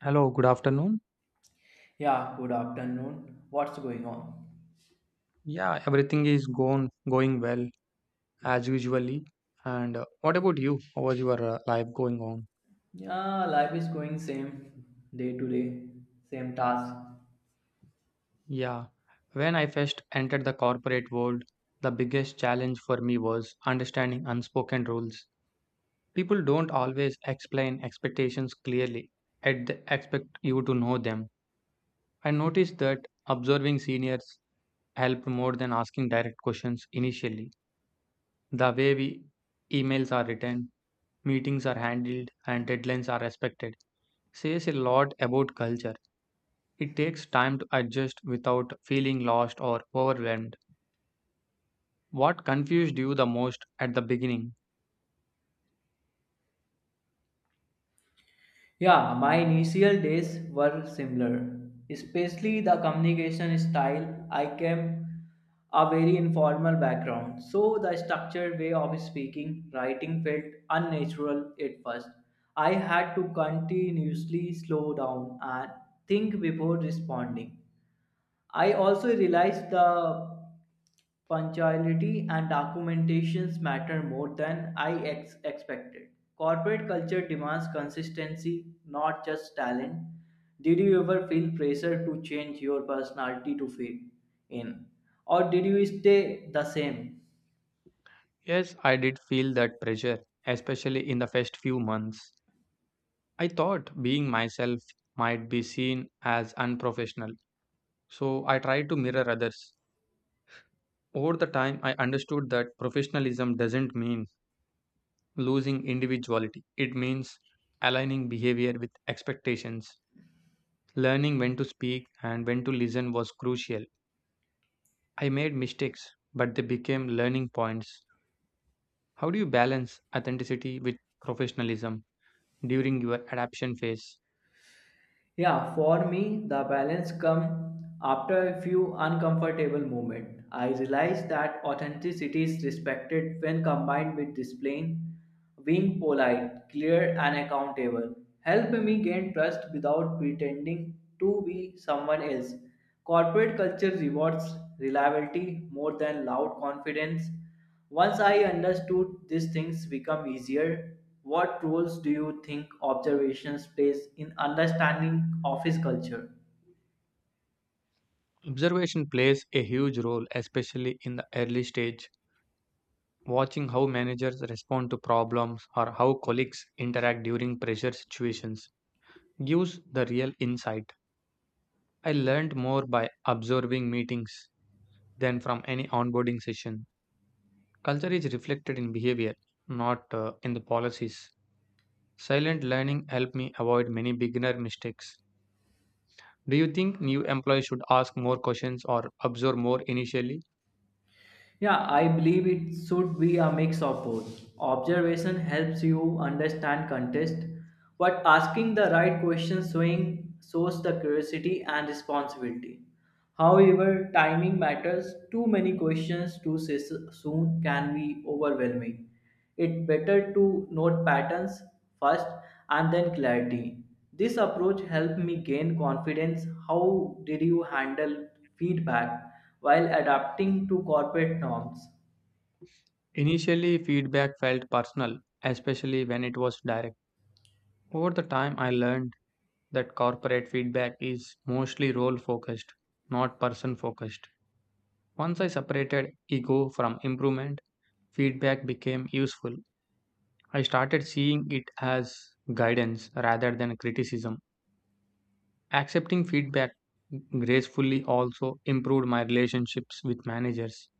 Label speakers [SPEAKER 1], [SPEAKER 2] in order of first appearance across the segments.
[SPEAKER 1] Hello, good afternoon.
[SPEAKER 2] Yeah, good afternoon. What's going on?
[SPEAKER 1] Yeah, everything is going well as usually. And what about you? How was your life going on?
[SPEAKER 2] Yeah, life is going same day to day, same task.
[SPEAKER 1] Yeah, when I first entered the corporate world, the biggest challenge for me was understanding unspoken rules. People don't always explain expectations clearly, and they expect you to know them. I noticed that observing seniors helped more than asking direct questions initially. The way we emails are written, meetings are handled, and deadlines are respected says a lot about culture. It takes time to adjust without feeling lost or overwhelmed. What confused you the most at the beginning?
[SPEAKER 2] Yeah, my initial days were similar, especially the communication style. I came a very informal background, so the structured way of speaking, writing felt unnatural at first. I had to continuously slow down and think before responding. I also realized the Punctuality and documentations matter more than I expected. Corporate culture demands consistency, not just talent. Did you ever feel pressure to change your personality to fit in? Or did you stay the same?
[SPEAKER 1] Yes, I did feel that pressure, especially in the first few months. I thought being myself might be seen as unprofessional, so I tried to mirror others. Over the time, I understood that professionalism doesn't mean losing individuality. It means aligning behavior with expectations. Learning when to speak and when to listen was crucial. I made mistakes, but they became learning points. How do you balance authenticity with professionalism during your adaptation phase?
[SPEAKER 2] Yeah, for me, the balance come after a few uncomfortable moments. I realized that authenticity is respected when combined with discipline. Being polite, clear, and accountable help me gain trust without pretending to be someone else. Corporate culture rewards reliability more than loud confidence. Once I understood these things become easier. What roles do you think observations plays in understanding office culture?
[SPEAKER 1] Observation plays a huge role, especially in the early stage. Watching how managers respond to problems or how colleagues interact during pressure situations gives the real insight. I learned more by observing meetings than from any onboarding session. Culture is reflected in behavior, not in the policies. Silent learning helped me avoid many beginner mistakes. Do you think new employees should ask more questions or observe more initially?
[SPEAKER 2] Yeah, I believe it should be a mix of both. Observation helps you understand context, but asking the right questions showing shows the curiosity and responsibility. However, timing matters. Too many questions too soon can be overwhelming. It's better to note patterns first and then clarity. This approach helped me gain confidence. How did you handle feedback while adapting to corporate norms?
[SPEAKER 1] Initially, feedback felt personal, especially when it was direct. Over the time, I learned that corporate feedback is mostly role focused, not person focused. Once I separated ego from improvement, feedback became useful. I started seeing it as guidance rather than criticism. Accepting feedback gracefully also improved my relationships with managers.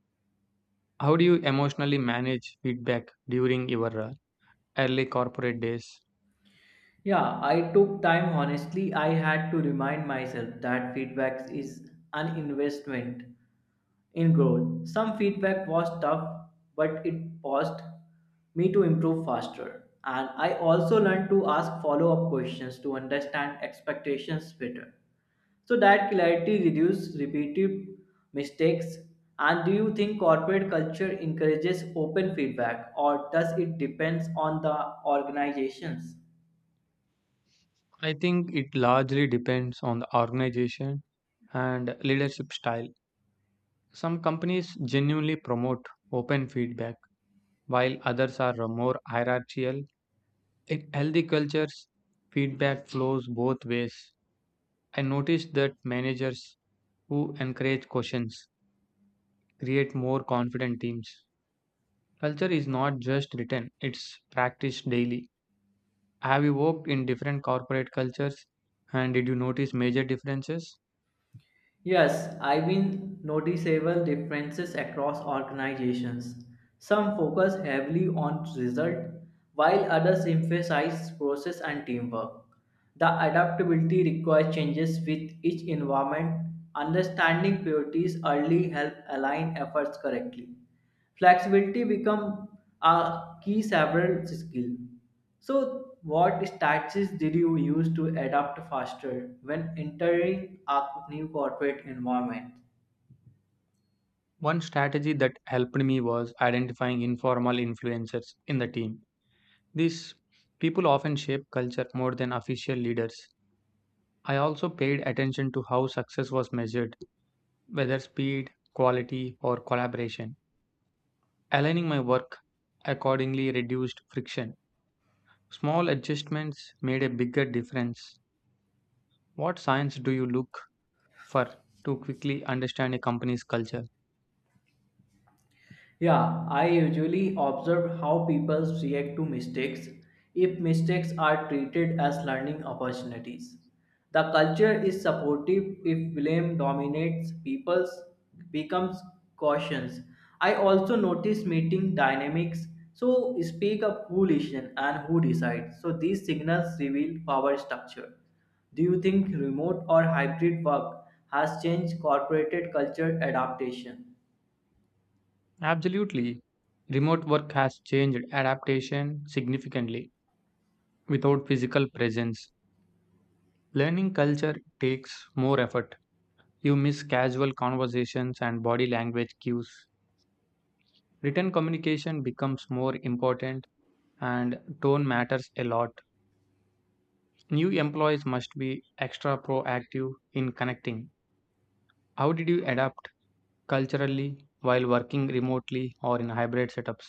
[SPEAKER 1] How do you emotionally manage feedback during your early corporate days?
[SPEAKER 2] Yeah, I took time honestly. I had to remind myself that feedback is an investment in growth. Some feedback was tough, but it forced me to improve faster. And I also learned to ask follow up questions to understand expectations better. So that clarity reduces repeated mistakes. And do you think corporate culture encourages open feedback or does it depends on the organizations?
[SPEAKER 1] I think it largely depends on the organization and leadership style. Some companies genuinely promote open feedback, while others are more hierarchical. In healthy cultures, feedback flows both ways. I noticed that managers who encourage questions create more confident teams. Culture is not just written, it's practiced daily. Have you worked in different corporate cultures and did you notice major differences?
[SPEAKER 2] Yes, I've been noticeable differences across organizations. Some focus heavily on result, while others emphasize process and teamwork. The adaptability requires changes with each environment. Understanding priorities early help align efforts correctly. Flexibility become a key several skill. So what strategies did you use to adapt faster when entering a new corporate environment?
[SPEAKER 1] One strategy that helped me was identifying informal influencers in the team. These people often shape culture more than official leaders. I also paid attention to how success was measured, whether speed, quality, or collaboration. Aligning my work accordingly reduced friction. Small adjustments made a bigger difference. What signs do you look for to quickly understand a company's culture?
[SPEAKER 2] Yeah, I usually observe how people react to mistakes if mistakes are treated as learning opportunities. The culture is supportive if blame dominates people becomes cautious. I also notice meeting dynamics so speak up who listen and who decides. So these signals reveal power structure. Do you think remote or hybrid work has changed corporate culture adaptation?
[SPEAKER 1] Absolutely. Remote work has changed adaptation significantly without physical presence. Learning culture takes more effort. You miss casual conversations and body language cues. Written communication becomes more important and tone matters a lot. New employees must be extra proactive in connecting. How did you adapt culturally while working remotely or in hybrid setups?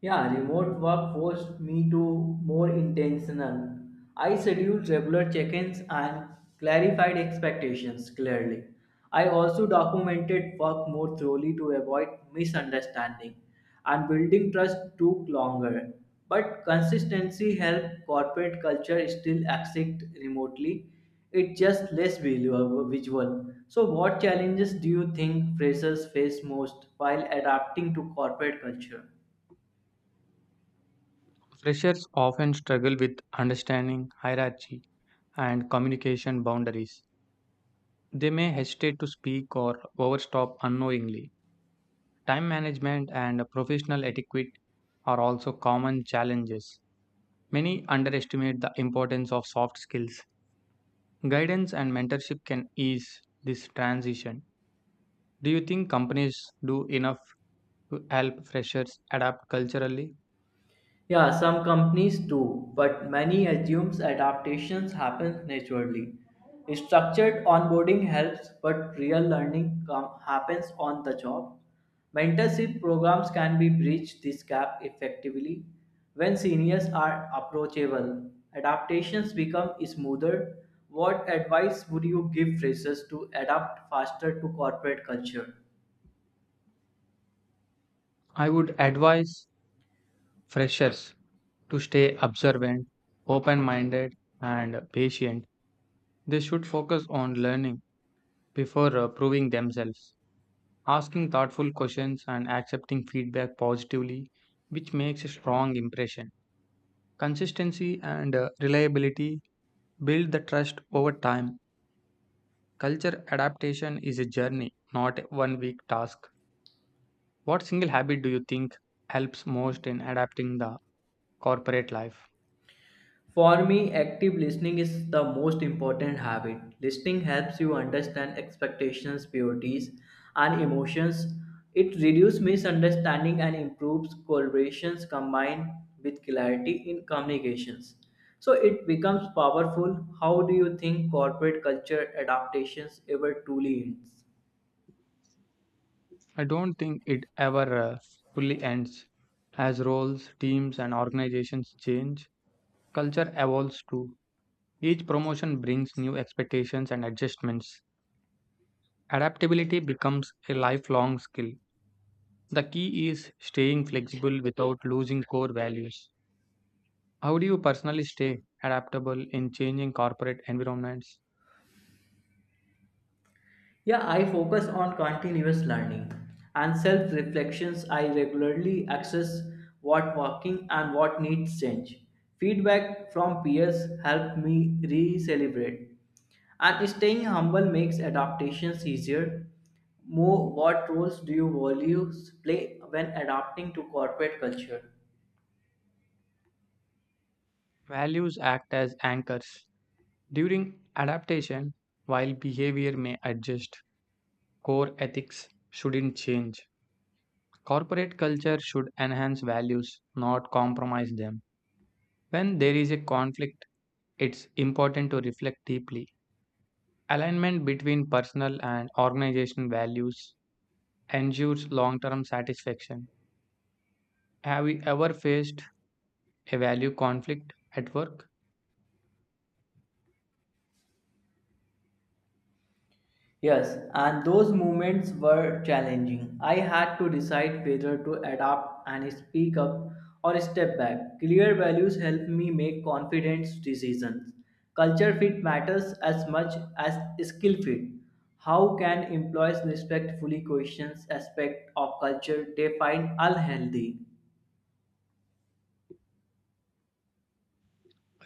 [SPEAKER 2] Yeah, remote work forced me to more intentional. I scheduled regular check-ins and clarified expectations clearly. I also documented work more thoroughly to avoid misunderstanding and building trust took longer. But consistency helped corporate culture still exist remotely. It's just less visual. So what challenges do you think freshers face most while adapting to corporate culture?
[SPEAKER 1] Freshers often struggle with understanding hierarchy and communication boundaries. They may hesitate to speak or overstop unknowingly. Time management and professional etiquette are also common challenges. Many underestimate the importance of soft skills. Guidance and mentorship can ease this transition. Do you think companies do enough to help freshers adapt culturally?
[SPEAKER 2] Yeah, some companies do, but many assumes adaptations happen naturally. Structured onboarding helps, but real learning happens on the job. Mentorship programs can be bridge this gap effectively when seniors are approachable. Adaptations become smoother. What advice would you give freshers to adapt faster to corporate culture?
[SPEAKER 1] I would advise freshers to stay observant, open minded, and patient. They should focus on learning before proving themselves, asking thoughtful questions, and accepting feedback positively, which makes a strong impression. Consistency and reliability build the trust over time. Culture adaptation is a journey, not a one week task. What single habit do you think helps most in adapting the corporate life?
[SPEAKER 2] For me, active listening is the most important habit. Listening helps you understand expectations, priorities, and emotions. It reduces misunderstanding and improves collaborations combined with clarity in communications. So it becomes powerful. How do you think corporate culture adaptations ever truly ends?
[SPEAKER 1] I don't think it ever fully ends. As roles, teams, and organizations change, culture evolves too. Each promotion brings new expectations and adjustments. Adaptability becomes a lifelong skill. The key is staying flexible without losing core values. How do you personally stay adaptable in changing corporate environments?
[SPEAKER 2] Yeah, I focus on continuous learning and self reflections. I regularly assess what working and what needs change. Feedback from peers help me re celebrate. And staying humble makes adaptations easier. More, what roles do you values play when adapting to corporate culture?
[SPEAKER 1] Values act as anchors. During adaptation, while behavior may adjust, core ethics shouldn't change. Corporate culture should enhance values, not compromise them. When there is a conflict, it's important to reflect deeply. Alignment between personal and organizational values ensures long term satisfaction. Have you ever faced a value conflict at work?
[SPEAKER 2] Yes, and those moments were challenging. I had to decide whether to adapt and speak up or step back. Clear values help me make confident decisions. Culture fit matters as much as skill fit. How can employees respectfully question aspects of culture they find unhealthy?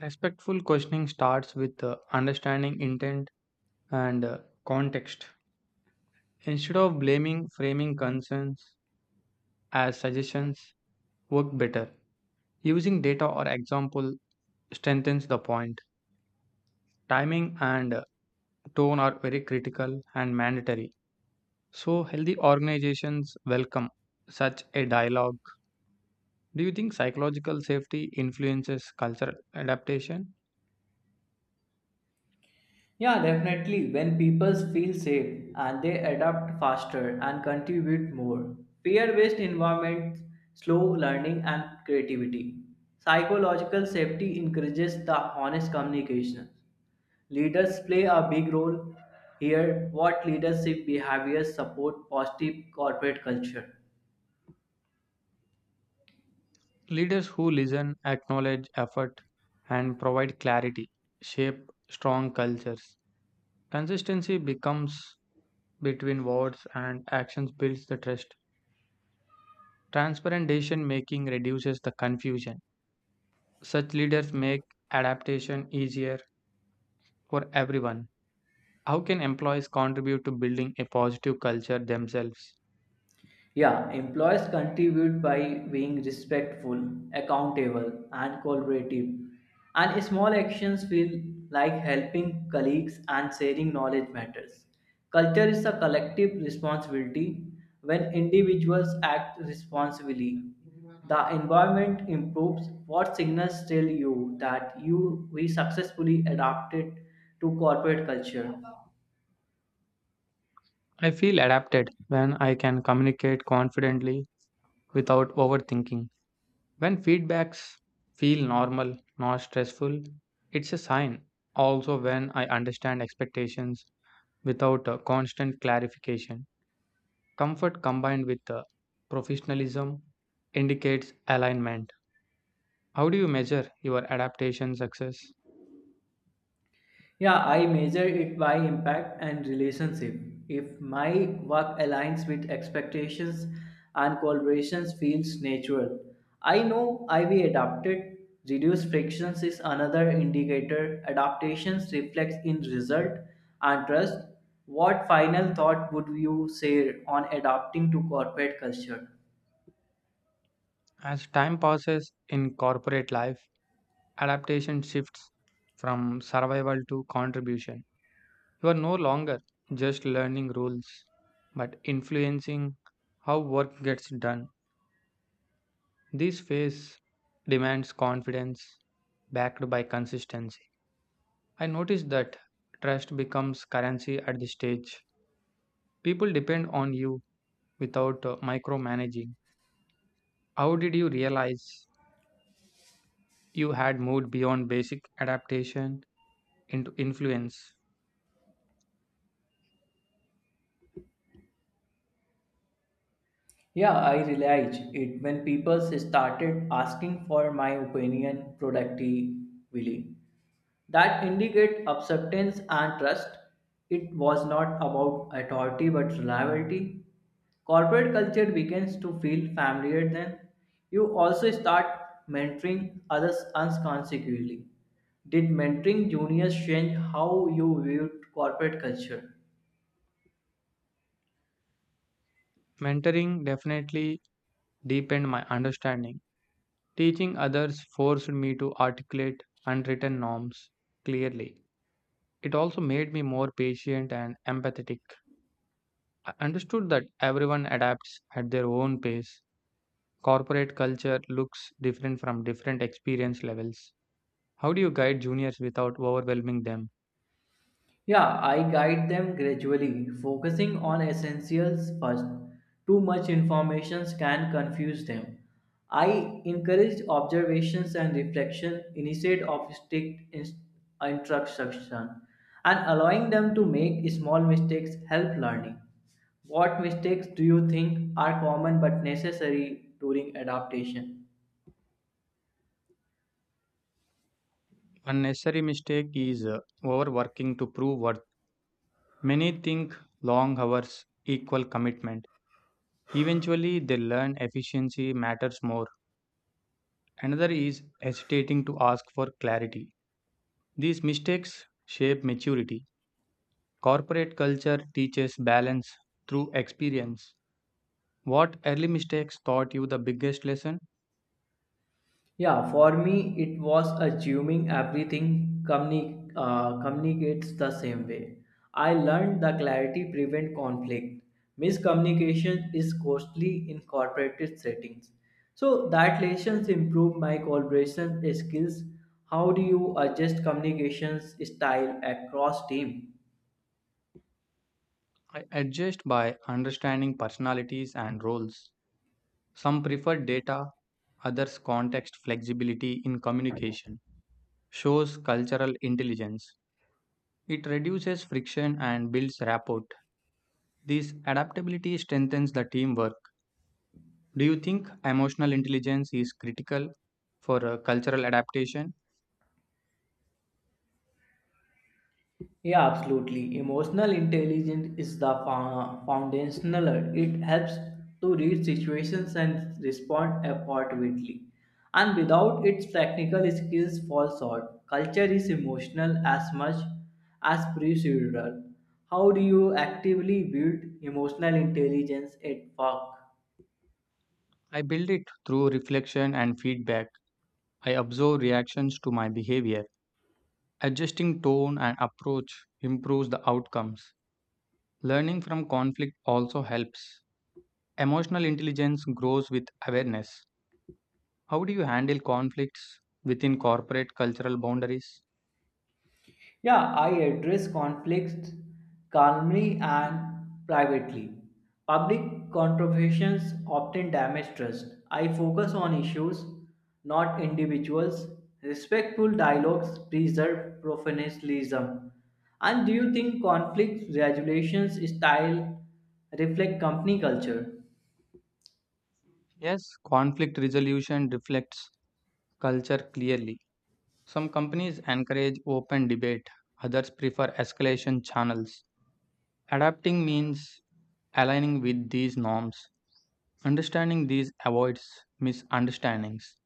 [SPEAKER 1] Respectful questioning starts with understanding intent and context. Instead of blaming, framing concerns as suggestions work better. Using data or example strengthens the point. Timing and tone are very critical and mandatory. So, healthy organizations welcome such a dialogue. Do you think psychological safety influences cultural adaptation?
[SPEAKER 2] Yeah, definitely. When people feel safe and they adapt faster and contribute more, peer based environments slow learning and creativity. Psychological safety encourages the honest communication. Leaders play a big role here. What leadership behaviors support positive corporate culture?
[SPEAKER 1] Leaders who listen, acknowledge effort, and provide clarity shape strong cultures. Consistency becomes between words and actions builds the trust. Transparent decision making reduces the confusion. Such leaders make adaptation easier for everyone. How can employees contribute to building a positive culture themselves?
[SPEAKER 2] Yeah, employees contribute by being respectful, accountable, and collaborative. And small actions feel like helping colleagues and sharing knowledge matters. Culture is a collective responsibility. When individuals act responsibly, the environment improves. What signals tell you that you we successfully adapted to corporate culture?
[SPEAKER 1] I feel adapted when I can communicate confidently without overthinking. When feedbacks feel normal, not stressful, it's a sign. Also, when I understand expectations without a constant clarification, comfort combined with professionalism indicates alignment. How do you measure your adaptation success?
[SPEAKER 2] Yeah, I measure it by impact and relationship. If my work aligns with expectations and collaborations feels natural, I know I will adapt it. Reduced frictions is another indicator. Adaptations reflects in result and trust. What final thought would you say on adapting to corporate culture?
[SPEAKER 1] As time passes in corporate life, adaptation shifts from survival to contribution. You are no longer just learning rules, but influencing how work gets done. This phase demands confidence backed by consistency. I noticed that trust becomes currency at this stage. People depend on you without micromanaging. How did you realize you had moved beyond basic adaptation into influence?
[SPEAKER 2] Yeah, I realized it when people started asking for my opinion productively. That indicate acceptance and trust. It was not about authority but reliability. Corporate culture begins to feel familiar then. You also start mentoring others unconsciously. Did mentoring juniors change how you viewed corporate culture?
[SPEAKER 1] Mentoring definitely deepened my understanding. Teaching others forced me to articulate unwritten norms clearly. It also made me more patient and empathetic. I understood that everyone adapts at their own pace. Corporate culture looks different from different experience levels. How do you guide juniors without overwhelming them?
[SPEAKER 2] Yeah, I guide them gradually, focusing on essentials first. Too much information can confuse them. I encourage observations and reflection instead of strict instruction, and allowing them to make small mistakes help learning. What mistakes do you think are common but necessary during adaptation?
[SPEAKER 1] Unnecessary mistake is overworking to prove worth. Many think long hours equal commitment. Eventually, they learn efficiency matters more. Another is hesitating to ask for clarity. These mistakes shape maturity. Corporate culture teaches balance through experience. What early mistakes taught you the biggest lesson?
[SPEAKER 2] Yeah, for me, it was assuming everything communicates the same way. I learned that clarity prevent conflict. Miscommunication is costly in corporate settings. So that lessons improve my collaboration skills. How do you adjust communications style across team?
[SPEAKER 1] I adjust by understanding personalities and roles. Some prefer data, others context flexibility in communication. Shows cultural intelligence. It reduces friction and builds rapport. This adaptability strengthens the teamwork. Do you think emotional intelligence is critical for cultural adaptation?
[SPEAKER 2] Yeah, absolutely. Emotional intelligence is the foundational. It helps to read situations and respond appropriately. And without its technical skills fall short. Culture is emotional as much as procedural. How do you actively build emotional intelligence at work?
[SPEAKER 1] I build it through reflection and feedback. I observe reactions to my behavior. Adjusting tone and approach improves the outcomes. Learning from conflict also helps. Emotional intelligence grows with awareness. How do you handle conflicts within corporate cultural boundaries?
[SPEAKER 2] Yeah, I address conflicts calmly and privately. Public controversies often damage trust. I focus on issues, not individuals. Respectful dialogues preserve professionalism. And do you think conflict regulations style reflect company culture?
[SPEAKER 1] Yes, conflict resolution reflects culture clearly. Some companies encourage open debate, others prefer escalation channels. Adapting means aligning with these norms. Understanding these avoids misunderstandings.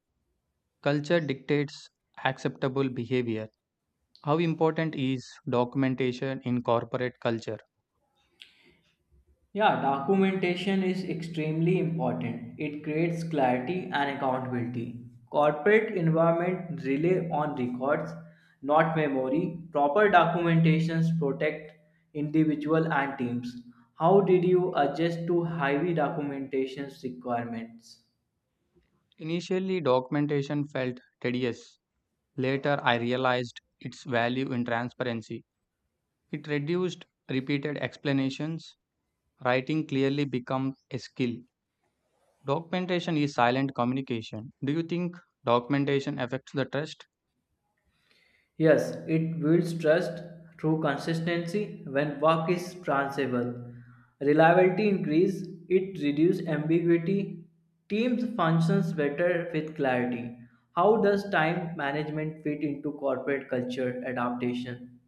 [SPEAKER 1] Culture dictates acceptable behavior. How important is documentation in corporate culture?
[SPEAKER 2] Yeah, documentation is extremely important. It creates clarity and accountability. Corporate environment rely on records, not memory. Proper documentations protect individual and teams. How did you adjust to heavy documentations requirements?
[SPEAKER 1] Initially, documentation felt tedious. Later, I realized its value in transparency. It reduced repeated explanations. Writing clearly becomes a skill. Documentation is silent communication. Do you think documentation affects the trust?
[SPEAKER 2] Yes, it builds trust through consistency when work is transferable, reliability increase, it reduces ambiguity. Teams functions better with clarity. How does time management fit into corporate culture adaptation?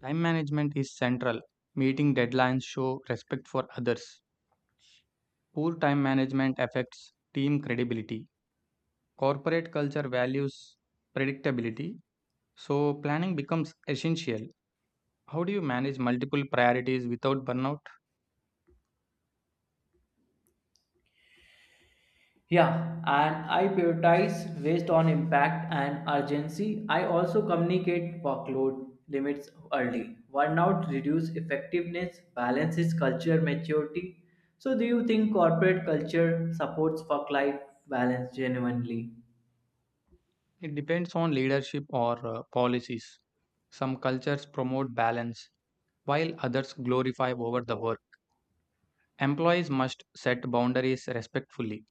[SPEAKER 1] Time management is central. Meeting deadlines show respect for others. Poor time management affects team credibility. Corporate culture values predictability, so planning becomes essential. How do you manage multiple priorities without burnout?
[SPEAKER 2] Yeah, and I prioritize based on impact and urgency. I also communicate workload limits early. Burnout reduce effectiveness, balances culture maturity. So do you think corporate culture supports work-life balance genuinely?
[SPEAKER 1] It depends on leadership or policies. Some cultures promote balance, while others glorify over the work. Employees must set boundaries respectfully.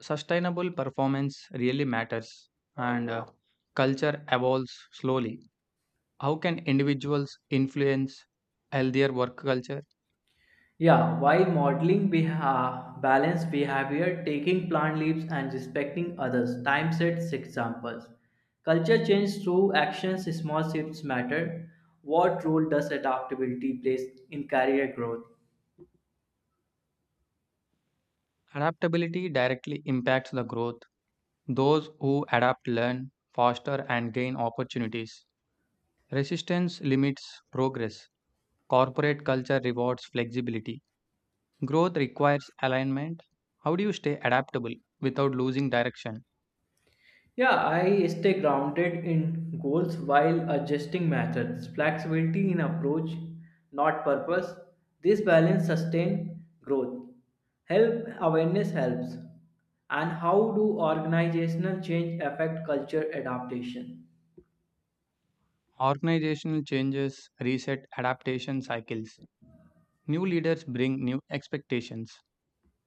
[SPEAKER 1] Sustainable performance really matters, and culture evolves slowly. How can individuals influence healthier work culture?
[SPEAKER 2] Yeah, while modeling balanced behavior, taking plant leaves and respecting others, time sets examples. Culture change through actions, small shifts matter. What role does adaptability play in career growth?
[SPEAKER 1] Adaptability directly impacts the growth. Those who adapt learn faster and gain opportunities. Resistance limits progress. Corporate culture rewards flexibility. Growth requires alignment. How do you stay adaptable without losing direction?
[SPEAKER 2] Yeah, I stay grounded in goals while adjusting methods, flexibility in approach, not purpose. This balance sustain growth. Help awareness helps. And how do organizational change affect culture adaptation?
[SPEAKER 1] Organizational changes reset adaptation cycles. New leaders bring new expectations.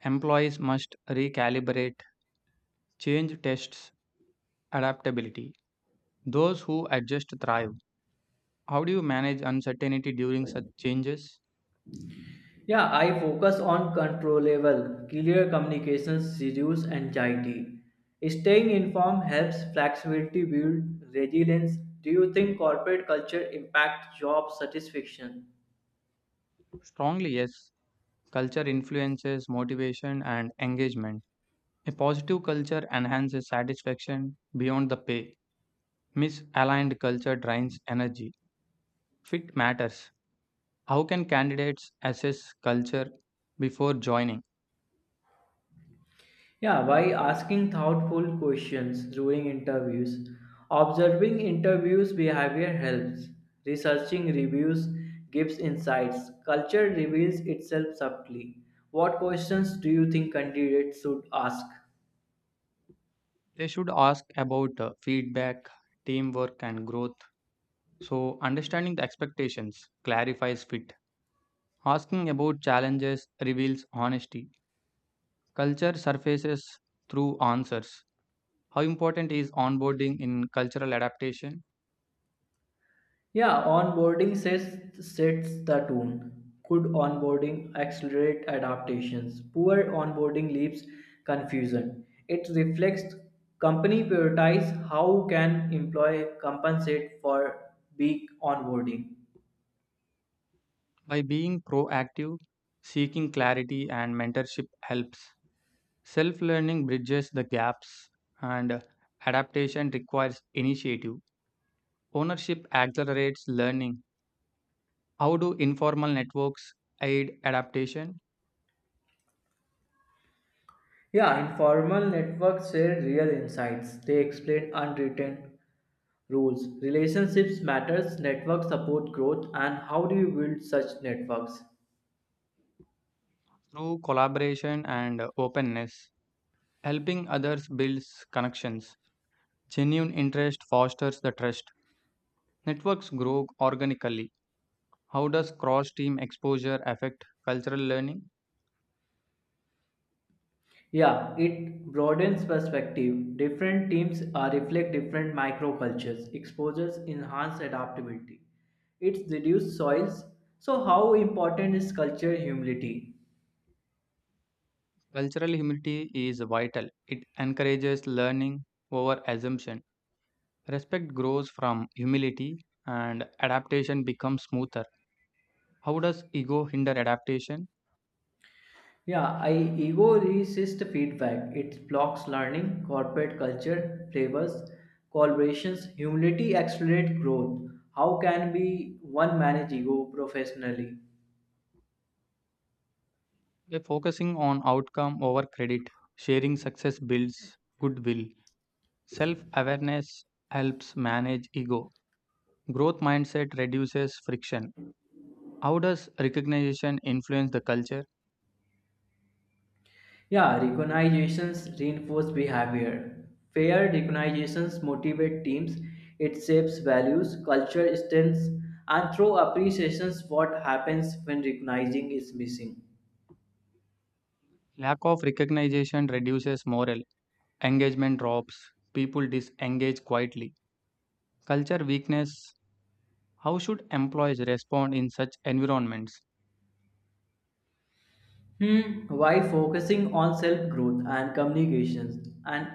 [SPEAKER 1] Employees must recalibrate. Change tests adaptability. Those who adjust thrive. How do you manage uncertainty during such changes?
[SPEAKER 2] Yeah, I focus on controllable, clear communications reduce anxiety. Staying informed helps flexibility build resilience. Do you think corporate culture impacts job satisfaction?
[SPEAKER 1] Strongly, yes. Culture influences motivation and engagement. A positive culture enhances satisfaction beyond the pay. Misaligned culture drains energy. Fit matters. How can candidates assess culture before joining?
[SPEAKER 2] Yeah, by asking thoughtful questions during interviews, observing interviews behavior helps, researching reviews gives insights, culture reveals itself subtly. What questions do you think candidates should ask?
[SPEAKER 1] They should ask about feedback, teamwork, and growth. So, understanding the expectations clarifies fit. Asking about challenges reveals honesty. Culture surfaces through answers. How important is onboarding in cultural adaptation?
[SPEAKER 2] Yeah, sets the tone. Good onboarding accelerate adaptations. Poor onboarding leaves confusion. It reflects company prioritize how can employee compensate for weak onboarding.
[SPEAKER 1] By being proactive, seeking clarity, and mentorship helps. Self learning bridges the gaps, and adaptation requires initiative. Ownership accelerates learning. How do informal networks aid adaptation?
[SPEAKER 2] Yeah, informal networks share real insights. They explain unwritten rules. Relationships matters, network support growth and how do you build such networks?
[SPEAKER 1] Through collaboration and openness. Helping others builds connections. Genuine interest fosters the trust. Networks grow organically. How does cross team exposure affect cultural learning?
[SPEAKER 2] Yeah, it broadens perspective. Different teams reflect different microcultures. Exposures enhance adaptability. It's reduced soils. So how important is culture humility?
[SPEAKER 1] Cultural humility is vital. It encourages learning over assumption. Respect grows from humility and adaptation becomes smoother. How does ego hinder adaptation?
[SPEAKER 2] Yeah, I ego resists feedback. It blocks learning, corporate culture, flavors, collaborations, humility accelerates growth. How can we one manage ego professionally?
[SPEAKER 1] By focusing on outcome over credit, sharing success builds goodwill. Self awareness helps manage ego. Growth mindset reduces friction. How does recognition influence the culture?
[SPEAKER 2] Yeah, recognitions reinforce behavior. Fair recognitions motivate teams, it shapes values, culture strengths, and through appreciations what happens when recognizing is missing.
[SPEAKER 1] Lack of recognition reduces morale, engagement drops, people disengage quietly. Culture weakness. How should employees respond in such environments?
[SPEAKER 2] Hmm. Why focusing on self-growth and communications and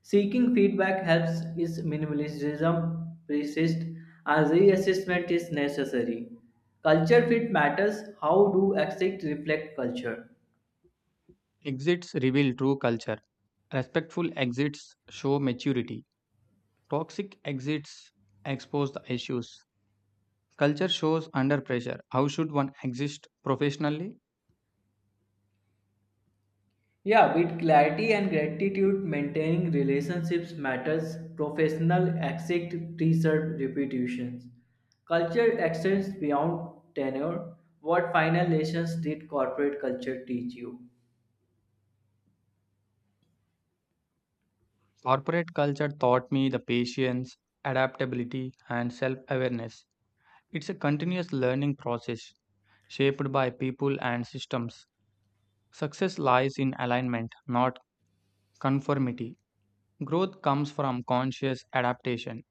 [SPEAKER 2] seeking feedback helps is minimalism persist and reassessment is necessary. Culture fit matters. How do exit reflect culture?
[SPEAKER 1] Exits reveal true culture. Respectful exits show maturity. Toxic exits expose the issues. Culture shows under pressure. How should one exist professionally?
[SPEAKER 2] Yeah, with clarity and gratitude, maintaining relationships matters. Professional exit preserve reputations. Culture extends beyond tenure. What final lessons did corporate culture teach you?
[SPEAKER 1] Corporate culture taught me the patience, adaptability, and self awareness. It's a continuous learning process shaped by people and systems. Success lies in alignment, not conformity. Growth comes from conscious adaptation.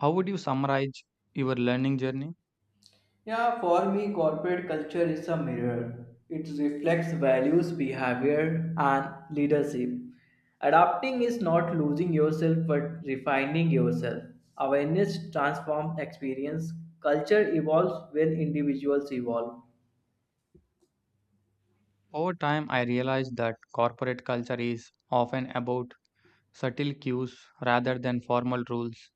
[SPEAKER 1] How would you summarize your learning journey?
[SPEAKER 2] Yeah, for me, corporate culture is a mirror. It reflects values, behavior, and leadership. Adapting is not losing yourself but refining yourself. Awareness transforms experience. Culture evolves when individuals evolve.
[SPEAKER 1] Over time, I realized that corporate culture is often about subtle cues rather than formal rules.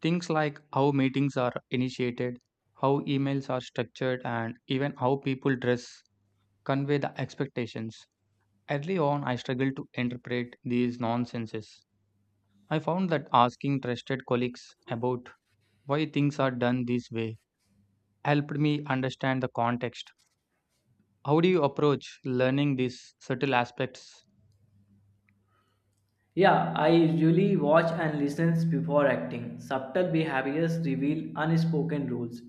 [SPEAKER 1] Things like how meetings are initiated, how emails are structured, and even how people dress convey the expectations. Early on, I struggled to interpret these nonsenses. I found that asking trusted colleagues about why things are done this way helped me understand the context. How do you approach learning these subtle aspects?
[SPEAKER 2] Yeah, I usually watch and listen before acting. Subtle behaviors reveal unspoken rules.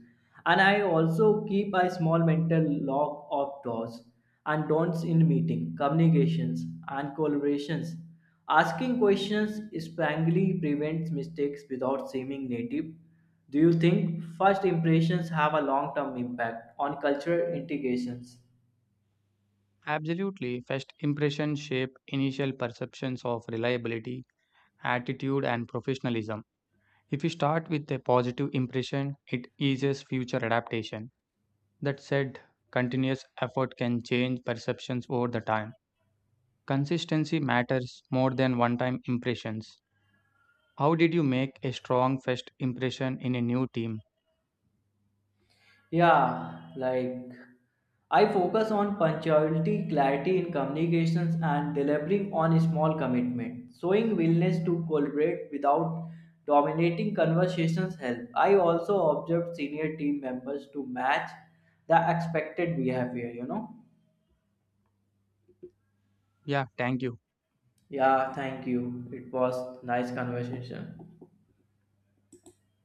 [SPEAKER 2] And I also keep a small mental log of do's and don'ts in meeting, communications, and collaborations. Asking questions sparingly prevents mistakes without seeming native. Do you think first impressions have a long-term impact on cultural integrations?
[SPEAKER 1] Absolutely, first impressions shape initial perceptions of reliability, attitude, and professionalism. If you start with a positive impression, it eases future adaptation. That said, continuous effort can change perceptions over the time. Consistency matters more than one time impressions. How did you make a strong first impression in a new team?
[SPEAKER 2] Yeah, like I focus on punctuality, clarity in communications, and delivering on small commitments. Showing willingness to collaborate without dominating conversations help. I also observed senior team members to match the expected behavior, you know.
[SPEAKER 1] Yeah, thank you.
[SPEAKER 2] Yeah, thank you. It was nice conversation.